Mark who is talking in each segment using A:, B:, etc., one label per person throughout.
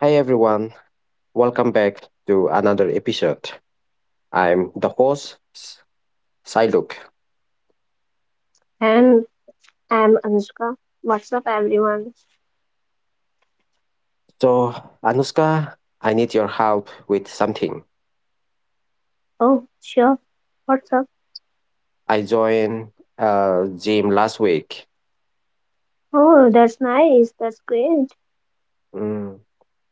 A: Hi everyone, welcome back to another episode. I'm the host, Siluk.
B: And I'm Anushka. What's up, everyone?
A: So, Anuska, I need your help with something.
B: Oh, sure. What's up?
A: I joined gym last week.
B: Oh, that's nice. That's great.
A: Mm,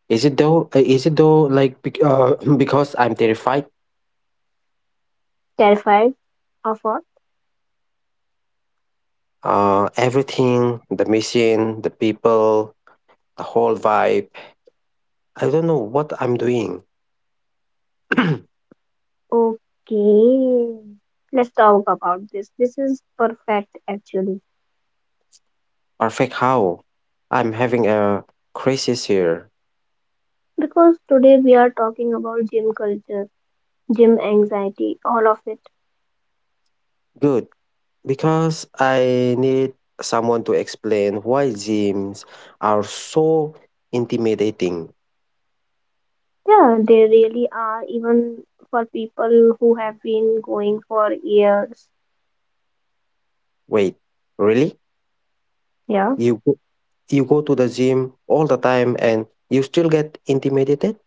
A: Is it though? Like because I'm terrified.
B: Terrified of what?
A: Everything, the machine, the people, the whole vibe. I don't know what I'm doing.
B: Okay. Let's talk about this. This is perfect, actually.
A: Perfect how? I'm having a crisis here.
B: Because today we are talking about gym culture, gym anxiety, all of it.
A: Good. Because I need someone to explain why gyms are so intimidating.
B: Yeah, they really are, even for people who have been going for years.
A: Wait, really?
B: Yeah.
A: You go, you go to the gym all the time and you still get intimidated?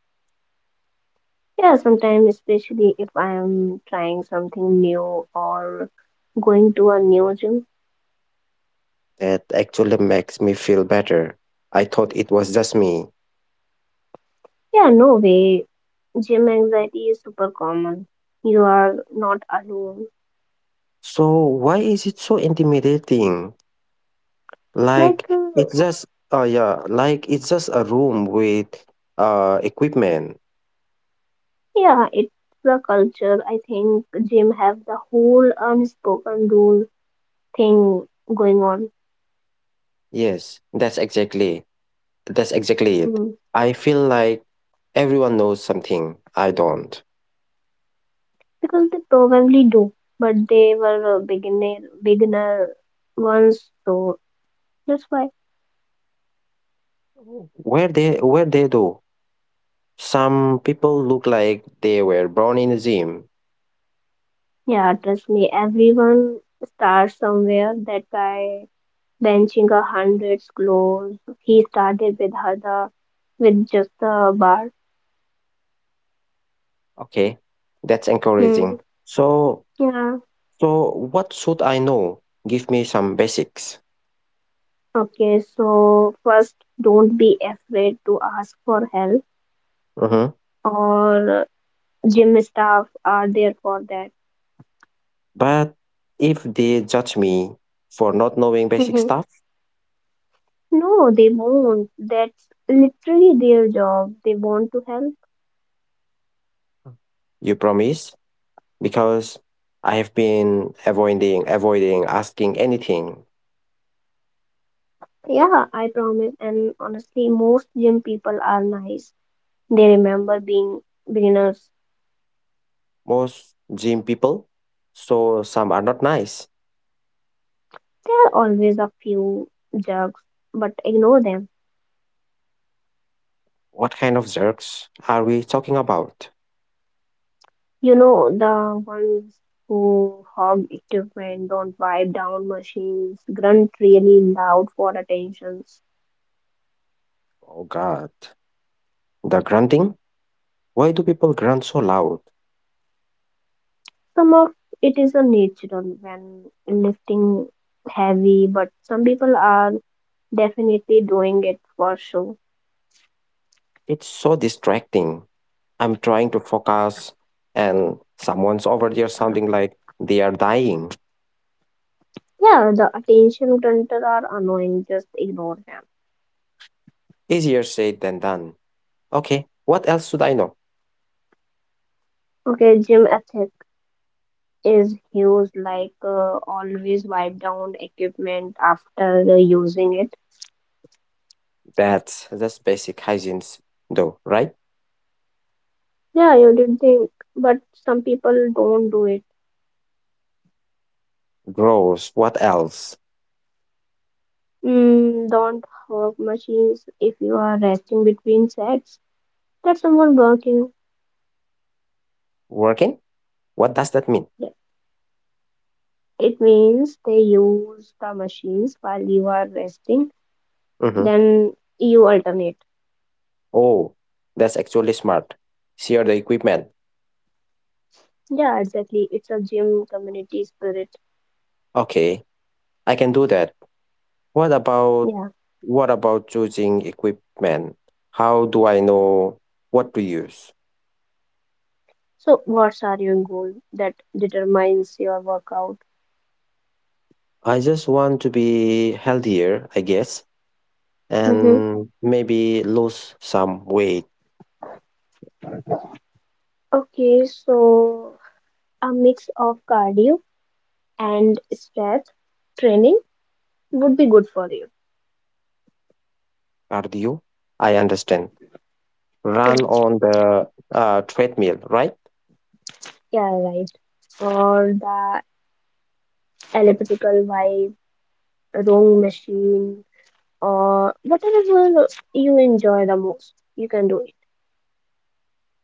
B: Yeah, sometimes, especially if I am trying something new or going to a new gym.
A: That actually makes me feel better. I thought it was just me.
B: Yeah, no way. Gym anxiety is super common. You are not alone.
A: So why is it so intimidating? Like
B: Like, uh,
A: it's just yeah, like it's just a room with equipment.
B: yeah, it's the culture. I think gym have the whole unspoken rule thing going on.
A: Yes, that's exactly it.
B: Hmm.
A: I feel like everyone knows something I don't.
B: Because they probably do, but they were beginner ones, so that's why.
A: Where they do. Some people look like they were born in a gym.
B: Yeah, trust me, everyone starts somewhere. That guy benching a hundreds clothes, he started with Hada with just a bar.
A: Okay, that's
B: Hmm.
A: encouraging. So
B: Yeah.
A: so, what should I know? Give me some basics.
B: Okay, so first, don't be afraid to ask for help,
A: Mhm.
B: or gym staff are there for that.
A: But if they judge me for not knowing basic
B: Mhm.
A: stuff,
B: No, they won't. That's literally their job. They want to help.
A: you promise? Because I have been avoiding asking anything
B: Yeah, I promise. And honestly, most gym people are nice. They remember being beginners.
A: most gym people, so some are not nice.
B: There are always a few jerks, but ignore them.
A: What kind of jerks are we talking about?
B: You know, the ones who hog equipment, don't wipe down machines, grunt really loud for attention.
A: Oh god, the grunting? Why do people grunt so loud?
B: Some of it is a natural when lifting heavy, but some people are definitely doing it for show.
A: It's so distracting. I'm trying to focus and someone's over there sounding like they are dying.
B: Yeah, the attention grunter are annoying, just ignore them.
A: Easier said than done. Okay, what else should I know?
B: Okay, gym ethics. Is used like always wipe down equipment after using it.
A: That's just basic hygiene, though, right?
B: Yeah, you did think, but some people don't do it.
A: Gross. What else?
B: Don't hog machines. If you are resting between sets, that's someone working.
A: Working? What does that mean?
B: Th- it means they use the machines while you are resting,
A: Mhm.
B: then you alternate.
A: Oh, that's actually smart. Share the equipment.
B: Yeah, exactly, it's a gym community spirit.
A: Okay, I can do that. What about
B: Yeah,
A: what about choosing equipment? How do I know what to use?
B: so what's are your goal that determines your workout.
A: I just want to be healthier, I guess,
B: Mhm.
A: and maybe lose some weight.
B: Okay, so a mix of cardio and strength training would be good for you.
A: Cardio? I understand.
B: Yeah.
A: Run on the treadmill, right?
B: Yeah, right. Or the elliptical vibe, rowing machine, or whatever you enjoy the most, you can do it.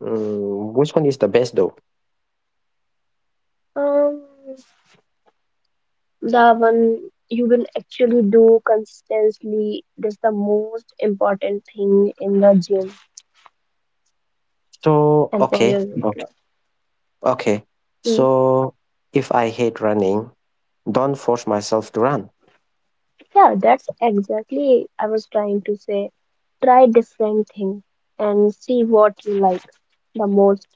A: Which one is the best though?
B: Um, the one you will actually do consistently is the most important thing in the gym
A: So
B: and for
A: okay,
B: your weight
A: okay,
B: loss.
A: okay.
B: Hmm.
A: So if I hate running, don't force myself to run.
B: Yeah, that's exactly I was trying to say. Try different thing and see what you like the most.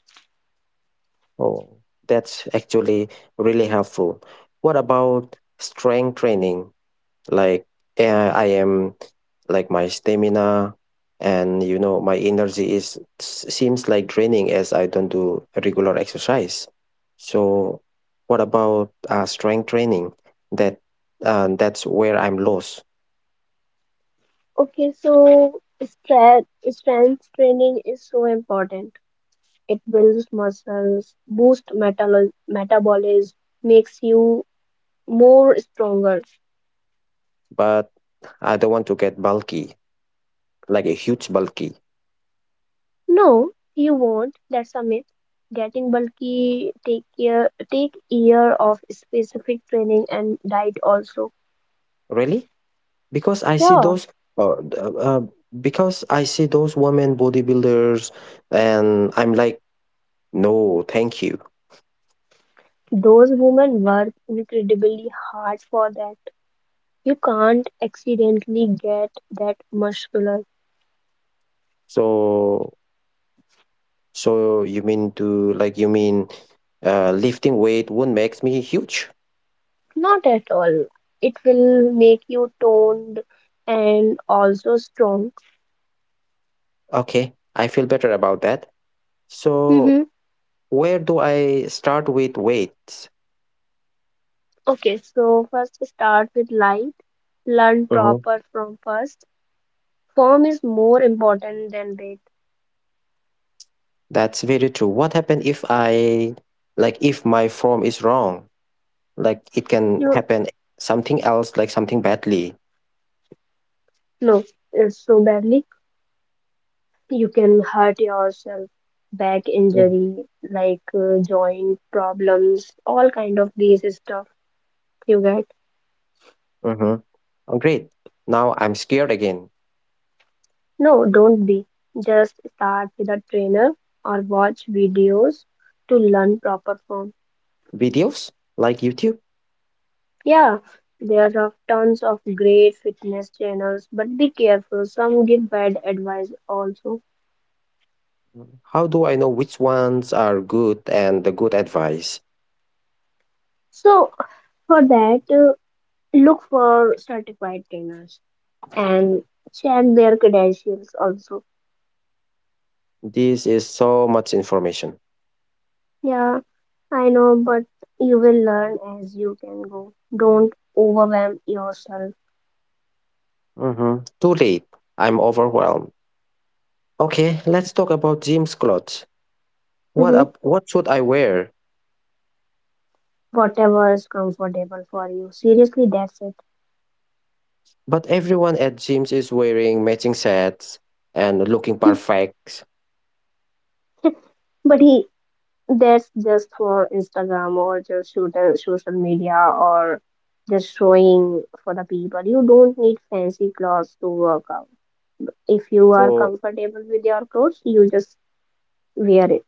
A: Oh, that's actually really helpful. What about strength training? Like eh, I am like my stamina, and you know my energy is seems like draining as I don't do regular exercise. So what about strength training? That that's where I'm lost.
B: Okay, so strength training is so important. It builds muscles, boosts metal metabolism, makes you more stronger.
A: But I don't want to get bulky, like a huge bulky.
B: No, you won't. That's a myth. Getting bulky, take care, take year of specific training and diet also.
A: Really? Because I see
B: Yeah.
A: those uh, uh, uh, because I see those women bodybuilders and I'm like, no thank you.
B: Those women work incredibly hard for that. You can't accidentally get that muscular.
A: So so you mean to like you mean lifting weight won't make me huge.
B: Not at all. It will make you toned and also strong.
A: Okay, I feel better about that. So
B: Mm-hmm.
A: where do I start with weights?
B: Okay, so first start with light. Learn
A: Mhm.
B: proper from first. Form is more important than weight.
A: That's very true. What happen if I like if my form is wrong, like it can
B: You
A: happen something else, like something badly.
B: no, it's so badly. You can hurt yourself. Back injury, like joint problems, all kind of these stuff you get.
A: Mm-hmm. Oh, great. Now I'm scared again.
B: No, don't be. Just start with a trainer or watch videos to learn proper form.
A: Videos like YouTube?
B: Yeah, there are tons of great fitness channels, but be careful. Some give bad advice also.
A: How do I know which ones are good and the good advice?
B: So for that, look for certified trainers and check their credentials also.
A: This is so much information.
B: Yeah, I know, but you will learn as you can go. Don't overwhelm yourself.
A: Too late. I'm overwhelmed. Okay, let's talk about gym's clothes.
B: Mhm.
A: What should I wear?
B: Whatever is comfortable for you. Seriously, that's
A: But everyone at gyms is wearing matching sets and looking
B: it.
A: perfect.
B: but he, that's just for Instagram or just shoot, social media or just showing for the people. You don't need fancy clothes to work out. If you are
A: So
B: comfortable with your clothes, you just wear it.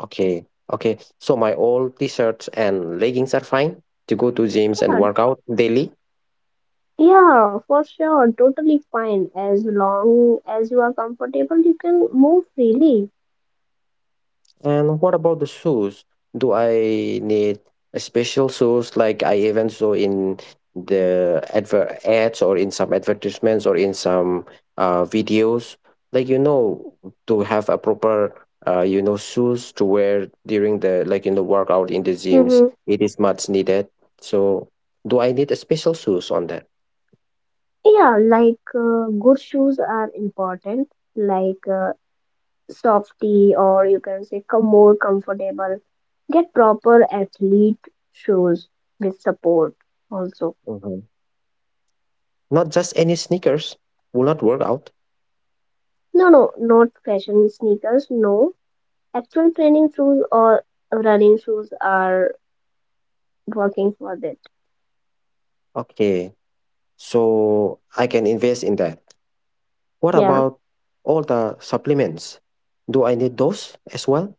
A: okay, okay. So my old t-shirts and leggings are fine to go to gyms and
B: Yeah,
A: work out daily.
B: yeah, for sure, totally fine. As long as you are comfortable, you can move freely.
A: And what about the shoes? Do I need a special shoes, like I even saw in the advert ads or in some advertisements or in some videos? Like, you know, to have a proper shoes to wear during the, like, in the workout in the gyms,
B: Mm-hmm.
A: it is much needed. So do I need a special shoes on that?
B: Yeah, like good shoes are important, like softy, or you can say more comfortable. Get proper athlete shoes with support also.
A: Mhm. Not just any sneakers will not work out.
B: No, no, not fashion sneakers, no. Actual training shoes or running shoes are working for that.
A: Okay, so I can invest in that. What
B: Yeah.
A: about all the supplements? Do I need those as well?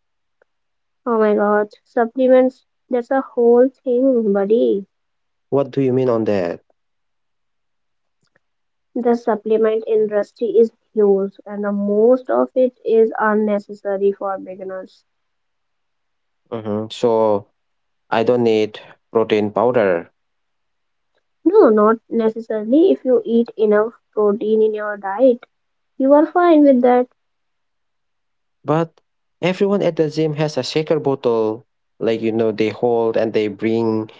B: Oh my god, supplements, that's a whole thing, buddy.
A: What do you mean on that?
B: The supplement industry is huge and the most of it is unnecessary for beginners.
A: Mhm. So I don't need protein powder,
B: No, not necessarily. If you eat enough protein in your diet, you are fine with that.
A: but everyone at the gym has a shaker bottle. Like, they hold and they bring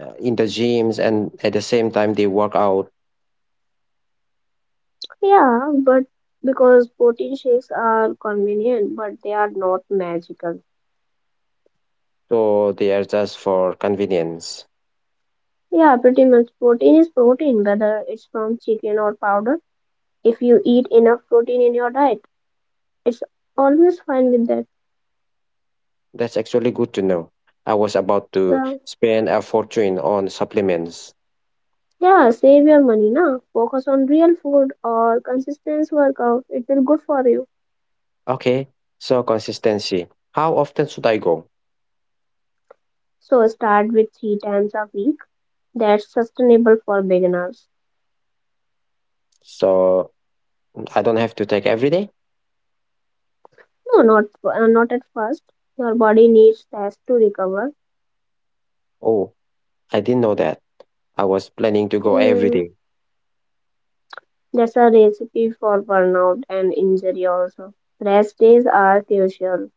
A: in the gyms, and at the same time they work out.
B: Yeah, but because protein shakes are convenient, but they are not magical.
A: So they are just for convenience.
B: Yeah, pretty much. Protein is protein, whether it's from chicken or powder. If you eat enough protein in your diet, it's always fine with that.
A: That's actually good to know. I was about to
B: Yeah,
A: spend a fortune on supplements.
B: yeah, save your money now. Focus on real food or consistent workout. It will good for you.
A: Okay, so consistency. How often should I go?
B: So start with 3 times a week, that's sustainable for beginners.
A: So I don't have to take every day.
B: No, not not at first. Your body needs rest to recover.
A: Oh, I didn't know that. I was planning to go every
B: Hmm.
A: day.
B: That's a recipe for burnout and injury also. Rest days are crucial.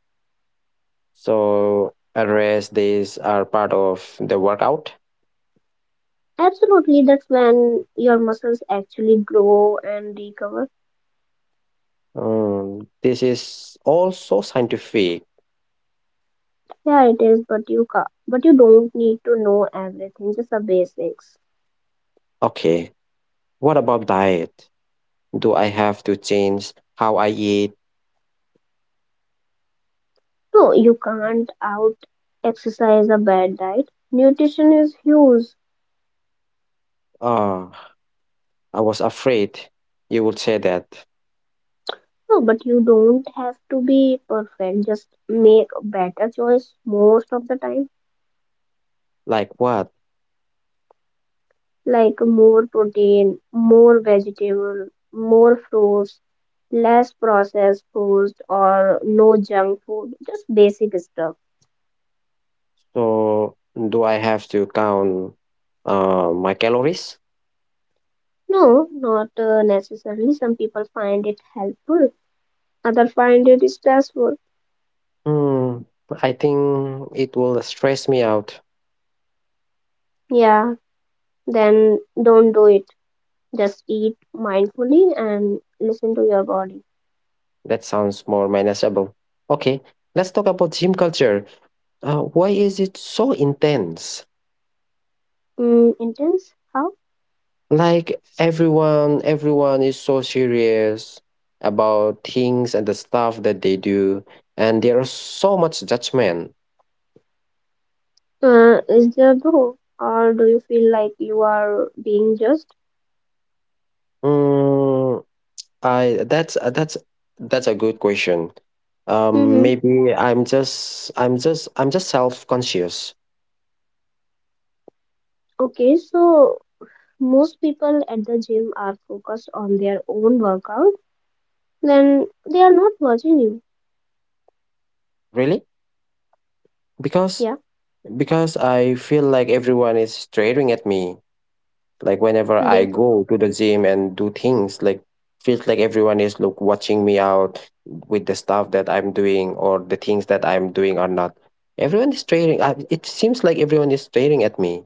A: So rest days are part of the workout.
B: Absolutely, that's when your muscles actually grow and recover.
A: This is also scientific.
B: Yeah, it is, but but you don't need to know everything, just the basics.
A: Okay, what about diet? Do I have to change how I eat?
B: No, you can't out exercise a bad diet. Nutrition is huge.
A: Ah, I was afraid you would say that.
B: No, but you don't have to be perfect. Just make a better choice most of the time.
A: Like what?
B: Like more protein, more vegetable, more fruits, less processed foods or no junk food. Just basic stuff.
A: So do I have to count my calories?
B: No, not necessarily. Some people find it helpful. Others find it stressful.
A: Hmm, I think it will stress me out.
B: Yeah, then don't do it. Just eat mindfully and listen to your body.
A: That sounds more manageable. Okay, let's talk about gym culture. Why is it so intense?
B: Mm, intense? How?
A: Like, everyone is so serious about things and the stuff that they do, and there is so much judgment.
B: Is there though? Or do you feel like you are being judged?
A: Hmm, I that's a good question.
B: Mm-hmm.
A: Maybe I'm just self-conscious.
B: Okay, so most people at the gym are focused on their own workout, then they are not watching you.
A: Really? Because
B: Yeah,
A: Because I feel like everyone is staring at me. Like whenever I
B: they pr-
A: go to the gym and do things, like feels like everyone is look watching me out with the stuff that I'm doing or the things that I'm doing or not. Everyone is staring. It seems like everyone is staring at me.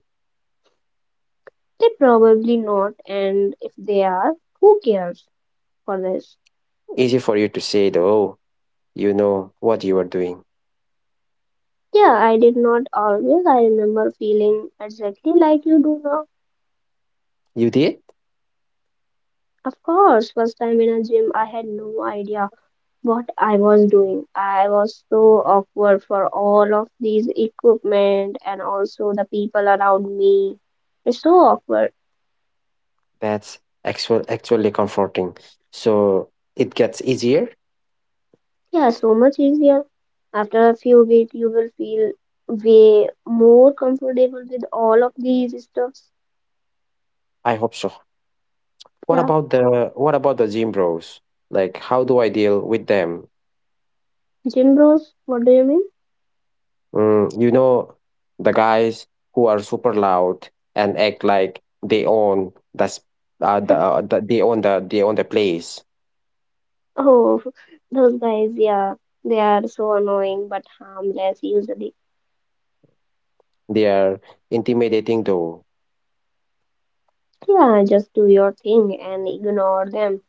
B: they probably not, and if they are, who cares for this?
A: Easy for you to say, that, "Oh, you know what you are doing.
B: Yeah, I did not always. I remember feeling exactly like you do now.
A: You did."
B: Of course, first time in a gym, I had no idea what I was doing. I was so awkward for all of these equipment and also the people around me. It's so awkward.
A: That's actually comforting. So it gets easier.
B: Yeah, so much easier. After a few weeks, you will feel way more comfortable with all of these stuffs.
A: I hope so. What
B: Yeah,
A: about the what about the gym bros? Like, how do I deal with them?
B: gym bros, what do you mean?
A: You know, the guys who are super loud and act like they own they own the place.
B: Oh, those guys, yeah, they are so annoying but harmless usually.
A: They are intimidating though.
B: Yeah, just do your thing and ignore them.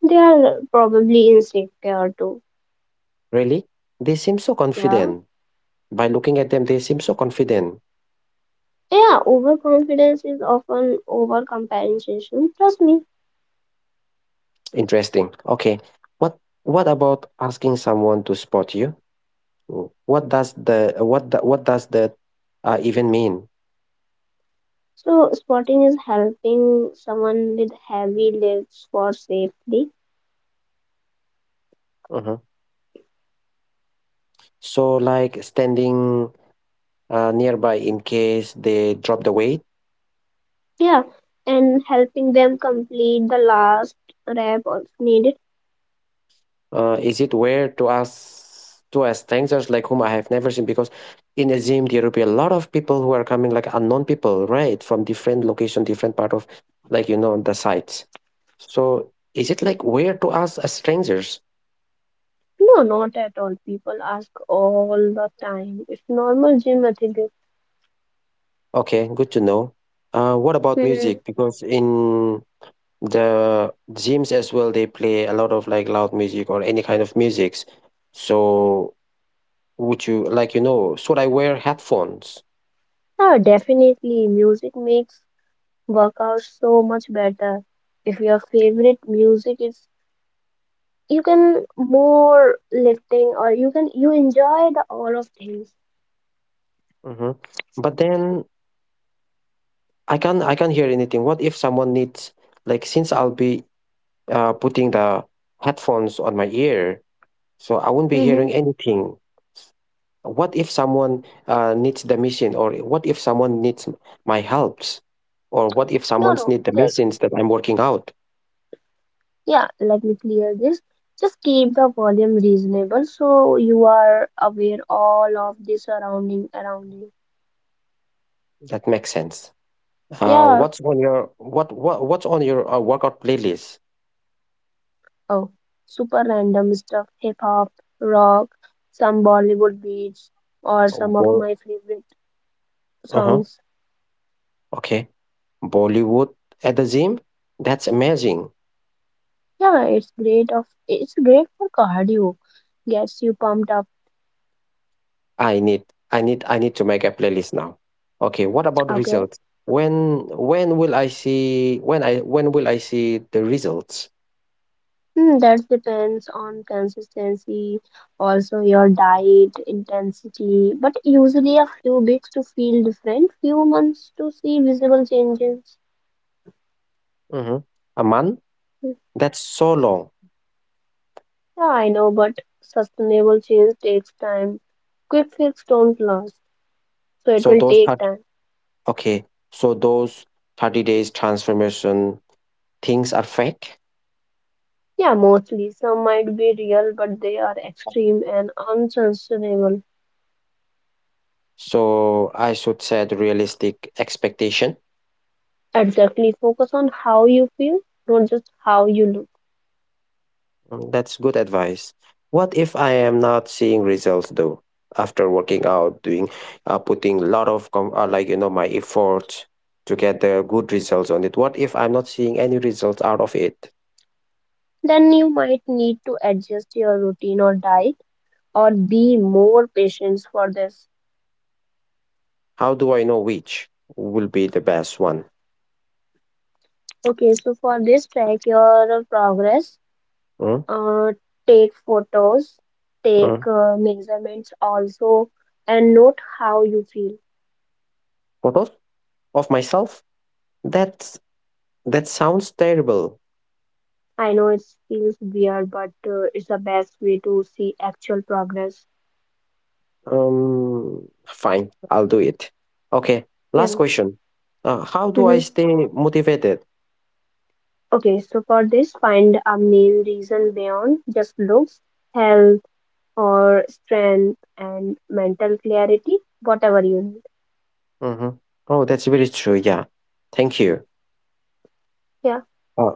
B: They are probably insecure too.
A: Really? They seem so
B: Yeah.
A: confident. By looking at them, they seem so confident.
B: Yeah, overconfidence is often overcompensation. Trust me.
A: Interesting. Okay. What what about asking someone to spot you? What what does that even mean?
B: So spotting is helping someone with heavy lifts for safety.
A: Uh-huh. So, like standing nearby in case they drop the weight.
B: Yeah. And helping them complete the last rep if needed.
A: Is it weird to ask strangers, like whom I have never seen? Because in a gym there will be a lot of people who are coming, like unknown people, right, from different location, different part of, like, you know, the sites. So is it like weird to ask as strangers?
B: No, not at all. People ask all the time. It's normal gym etiquette.
A: Okay, good to know. What about
B: Hmm.
A: music? Because in the gyms as well, they play a lot of like loud music or any kind of musics. So would you, like, you know? Should I wear headphones?
B: Yeah, definitely. Music makes workouts so much better. If your favorite music is, you can more lifting, or you can you enjoy the all of things.
A: hmm But then I can't hear anything. What if someone needs, like, since I'll be putting the headphones on my ear, so I won't be
B: Mm-hmm.
A: hearing anything. What if someone needs the machine, or what if someone needs my helps, or what if
B: No,
A: someone's
B: no,
A: need the
B: just
A: machines that I'm working out?
B: yeah, let me clear this. Just keep the volume reasonable so you are aware all of the surrounding around you.
A: That makes sense.
B: Yeah.
A: What's on your what what's on your workout playlist?
B: Oh, super random stuff, hip hop, rock, some Bollywood beats or
A: Um,
B: some of
A: Bo-
B: my favorite
A: uh-huh.
B: songs.
A: Okay, Bollywood at the gym. That's amazing.
B: Yeah, it's great of it's great for cardio. Gets you pumped up.
A: I need I need to make a playlist now. Okay, what about
B: Okay?
A: results? When will I see the results?
B: Hmm, that depends on consistency, also your diet, intensity, but usually a few weeks to feel different, few months to see visible changes.
A: Mm-hmm. A month?
B: Yeah,
A: That's so long.
B: I know, but sustainable change takes time. Quick fix don't last, so it
A: So
B: will
A: those
B: take
A: part
B: time.
A: okay. So those 30 days transformation things are fake.
B: Yeah, mostly. Some might be real, but they are extreme and unsustainable.
A: So I should set realistic expectation.
B: Exactly. Focus on how you feel, not just how you look.
A: That's good advice. What if I am not seeing results though? After working out, doing, putting a lot of like, you know, my effort to get the good results on it. What if I'm not seeing any results out of it?
B: Then you might need to adjust your routine or diet or be more patient for this.
A: How do I know which will be the best one?
B: Okay, so for this, track your progress,
A: Mm,
B: uh, take photos, take
A: mm.
B: measurements also, and note how you feel.
A: Photos of myself? That's That sounds terrible.
B: I know it feels weird, but it's the best way to see actual progress.
A: Fine, I'll do it. Okay,
B: Yeah.
A: last question. How do I
B: Hmm.
A: stay motivated?
B: Okay, so for this, find a main reason beyond just looks, health, or strength, and mental clarity, whatever you need.
A: hmm Oh, that's very true. Yeah, thank you.
B: Yeah.
A: Uh,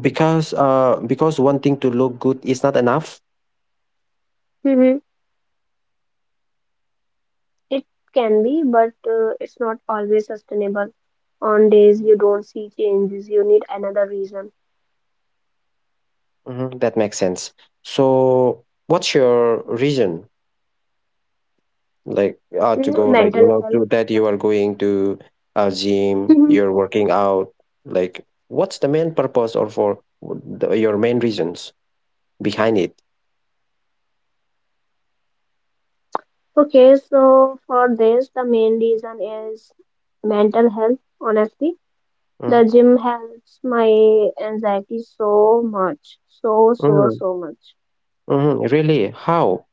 A: because wanting to look good is not enough.
B: Hmm. It can be, but it's not always sustainable. On days you don't see changes, you need another reason.
A: That makes sense. So, what's your reason, like, to
B: Mm,
A: go, like, you
B: mental
A: know,
B: health.
A: to that you are going to a gym,
B: Mhm.
A: you're working out, like, what's the main purpose or for the, your main reasons behind it?
B: Okay, so for this, the main reason is mental health, honestly.
A: Mm,
B: The gym helps my anxiety so much, so, so,
A: mhm,
B: so much.
A: mhm. Really? How?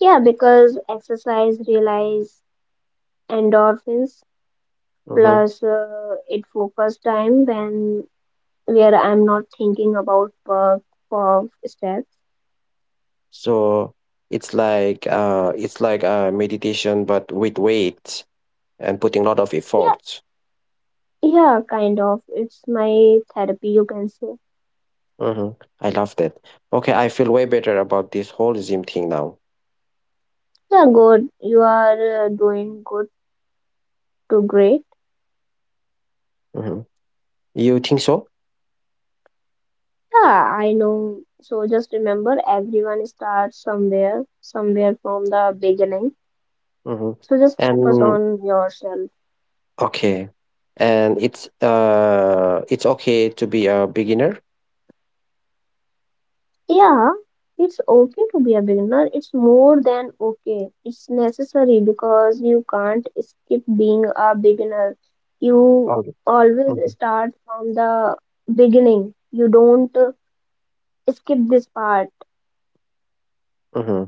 B: Yeah, because exercise relies endorphins,
A: Mhm.
B: plus it focus time when where I'm not thinking about work, work steps.
A: So it's like meditation, but with weight and putting a lot of
B: Yeah,
A: effort.
B: yeah, kind of. It's my therapy, you can say.
A: Mhm. I love that. Okay, I feel way better about this whole Zim thing now.
B: Yeah, good. You are doing good to great.
A: Mhm. You think so?
B: Yeah, I know. So just remember, everyone starts somewhere, somewhere from the beginning.
A: Mhm.
B: So just focus
A: And
B: on yourself.
A: okay, and it's okay to be a beginner.
B: Yeah, it's okay to be a beginner. It's more than okay. It's necessary because you can't skip being a beginner. You
A: All right.
B: always
A: Mhm.
B: start from the beginning. You don't skip this part.
A: Mm-hmm.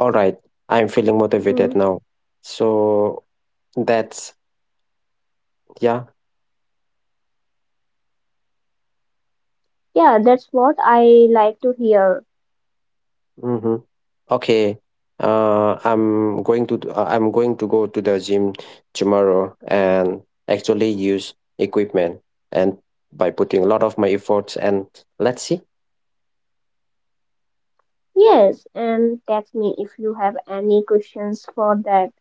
A: All right, I'm feeling motivated
B: Mm.
A: now. So that's, yeah.
B: Yeah, that's what I like to hear.
A: Mhm. Okay. I'm going to go to the gym tomorrow and actually use equipment and by putting a lot of my efforts, and let's see.
B: Yes, and text me if you have any questions for that.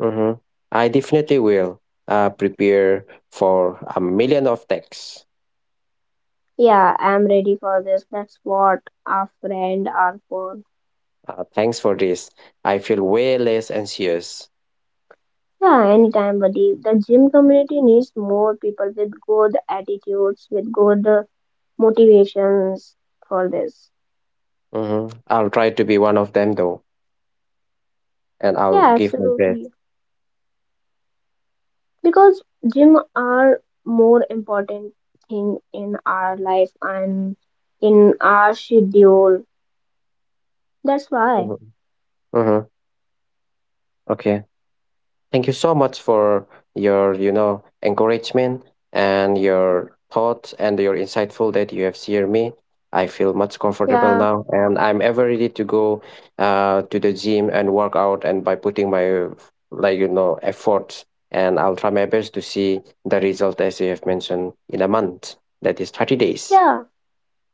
A: Mm-hmm. I definitely will prepare for a million of texts.
B: Yeah, I'm ready for this. That's what a friend are for.
A: Thanks for this. I feel way less anxious.
B: Yeah, anytime, buddy. The gym community needs more people with good attitudes, with good motivations for this.
A: Mm-hmm. I'll try to be one of them though, and I'll
B: Yeah,
A: give my best.
B: absolutely. Because gym are more important thing in our life and in our schedule. That's why.
A: Mm-hmm. Mm-hmm. Okay. Thank you so much for your, encouragement and your thoughts and your insightful that you have shared me. I feel much comfortable
B: Yeah,
A: now, and I'm ever ready to go to the gym and work out, and by putting my, like, efforts, and I'll try my best to see the result as you have mentioned in a month. That is 30 days.
B: yeah,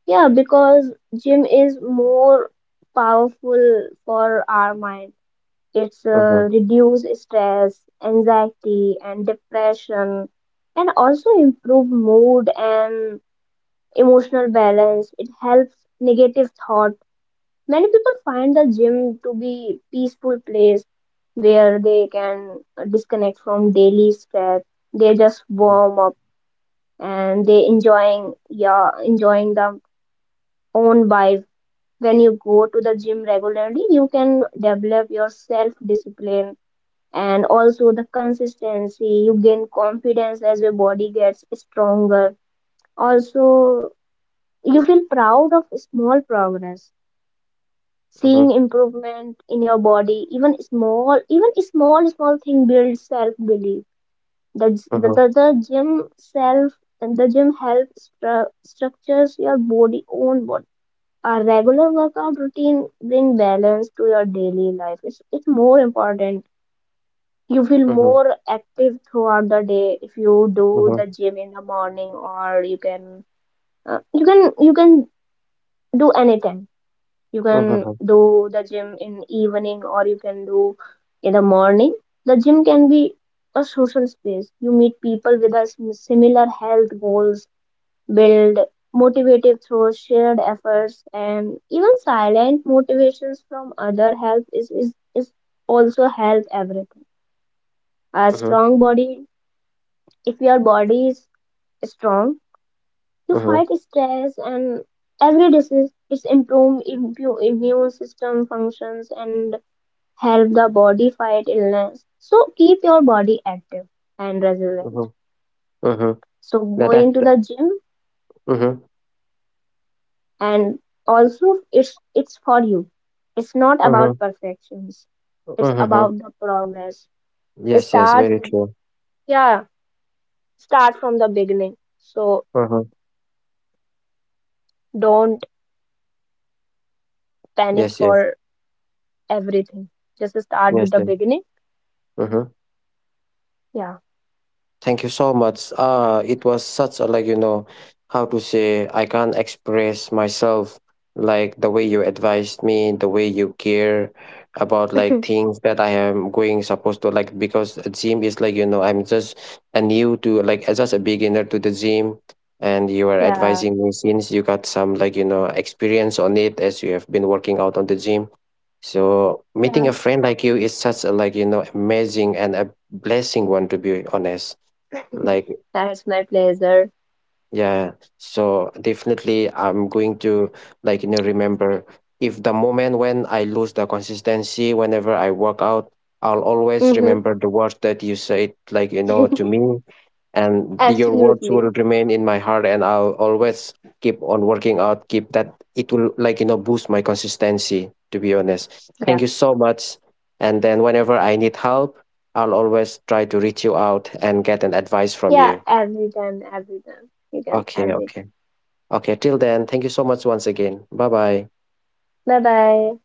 B: yeah. Because gym is more powerful for our mind. It's
A: Mm-hmm.
B: reduce stress, anxiety, and depression, and also improve mood and emotional balance. It helps negative thought. Many people find the gym to be peaceful place where they can disconnect from daily stress. They just
A: Mm-hmm.
B: warm up and they enjoying yeah enjoying the own vibe. When you go to the gym regularly, you can develop your self discipline and also the consistency. You gain confidence as your body gets stronger, also you feel proud of small progress, seeing
A: Mm-hmm.
B: improvement in your body, even small, even small thing builds self belief. the, the
A: Uh-huh,
B: the the gym self and the gym helps structures your body own body. A regular workout routine bring balance to your daily life, it's more important. You feel
A: uh-huh,
B: more active throughout the day if you do
A: uh-huh,
B: the gym in the morning, or you can you can do anytime. You can
A: uh-huh,
B: do the gym in evening, or you can do in the morning. The gym can be a social space. You meet people with a similar health goals, build motivated through shared efforts, and even silent motivations from other help is also help everything. A
A: uh-huh,
B: strong body. If your body is strong, you
A: uh-huh,
B: fight stress and every disease. It's improve immune system functions and help the body fight illness. So keep your body active and resilient.
A: uh-huh, uh-huh.
B: So
A: Now that
B: going to
A: th-
B: the gym
A: uh-huh,
B: and also it's for you. It's not
A: uh-huh,
B: about perfections. It's
A: uh-huh.
B: about the progress.
A: Yes, yes,
B: Start
A: very
B: with
A: true.
B: yeah, start from the beginning. So
A: Uh-huh.
B: don't panic
A: Yes, yes,
B: for everything. Just start with
A: yes,
B: the
A: sir.
B: beginning.
A: Uh-huh.
B: Yeah.
A: Thank you so much. It was such a, like, how to say, I can't express myself, like, the way you advised me, the way you care about, like, things that I am going supposed to, like, because a gym is, like, I'm just a new to, like, as just a beginner to the gym, and you are
B: Yeah,
A: advising me since you got some, like, experience on it, as you have been working out on the gym, so meeting
B: yeah.
A: a friend like you is such a, like, amazing and a blessing one, to be honest. Like,
B: That's my pleasure.
A: yeah, so definitely I'm going to, like, remember if the moment when I lose the consistency whenever I work out, I'll always
B: Mm-hmm.
A: remember the words that you said, like, to me, and your words
B: Absolutely.
A: will remain in my heart, and I'll always keep on working out, keep that, it will, like, boost my consistency, to be honest. Thank
B: Yeah.
A: you so much. And then whenever I need help, I'll always try to reach you out and get an advice from
B: Yeah,
A: you.
B: every time, every time. You can,
A: Okay,
B: every
A: okay,
B: time.
A: okay. Till then, thank you so much once again. Bye bye.
B: Bye bye.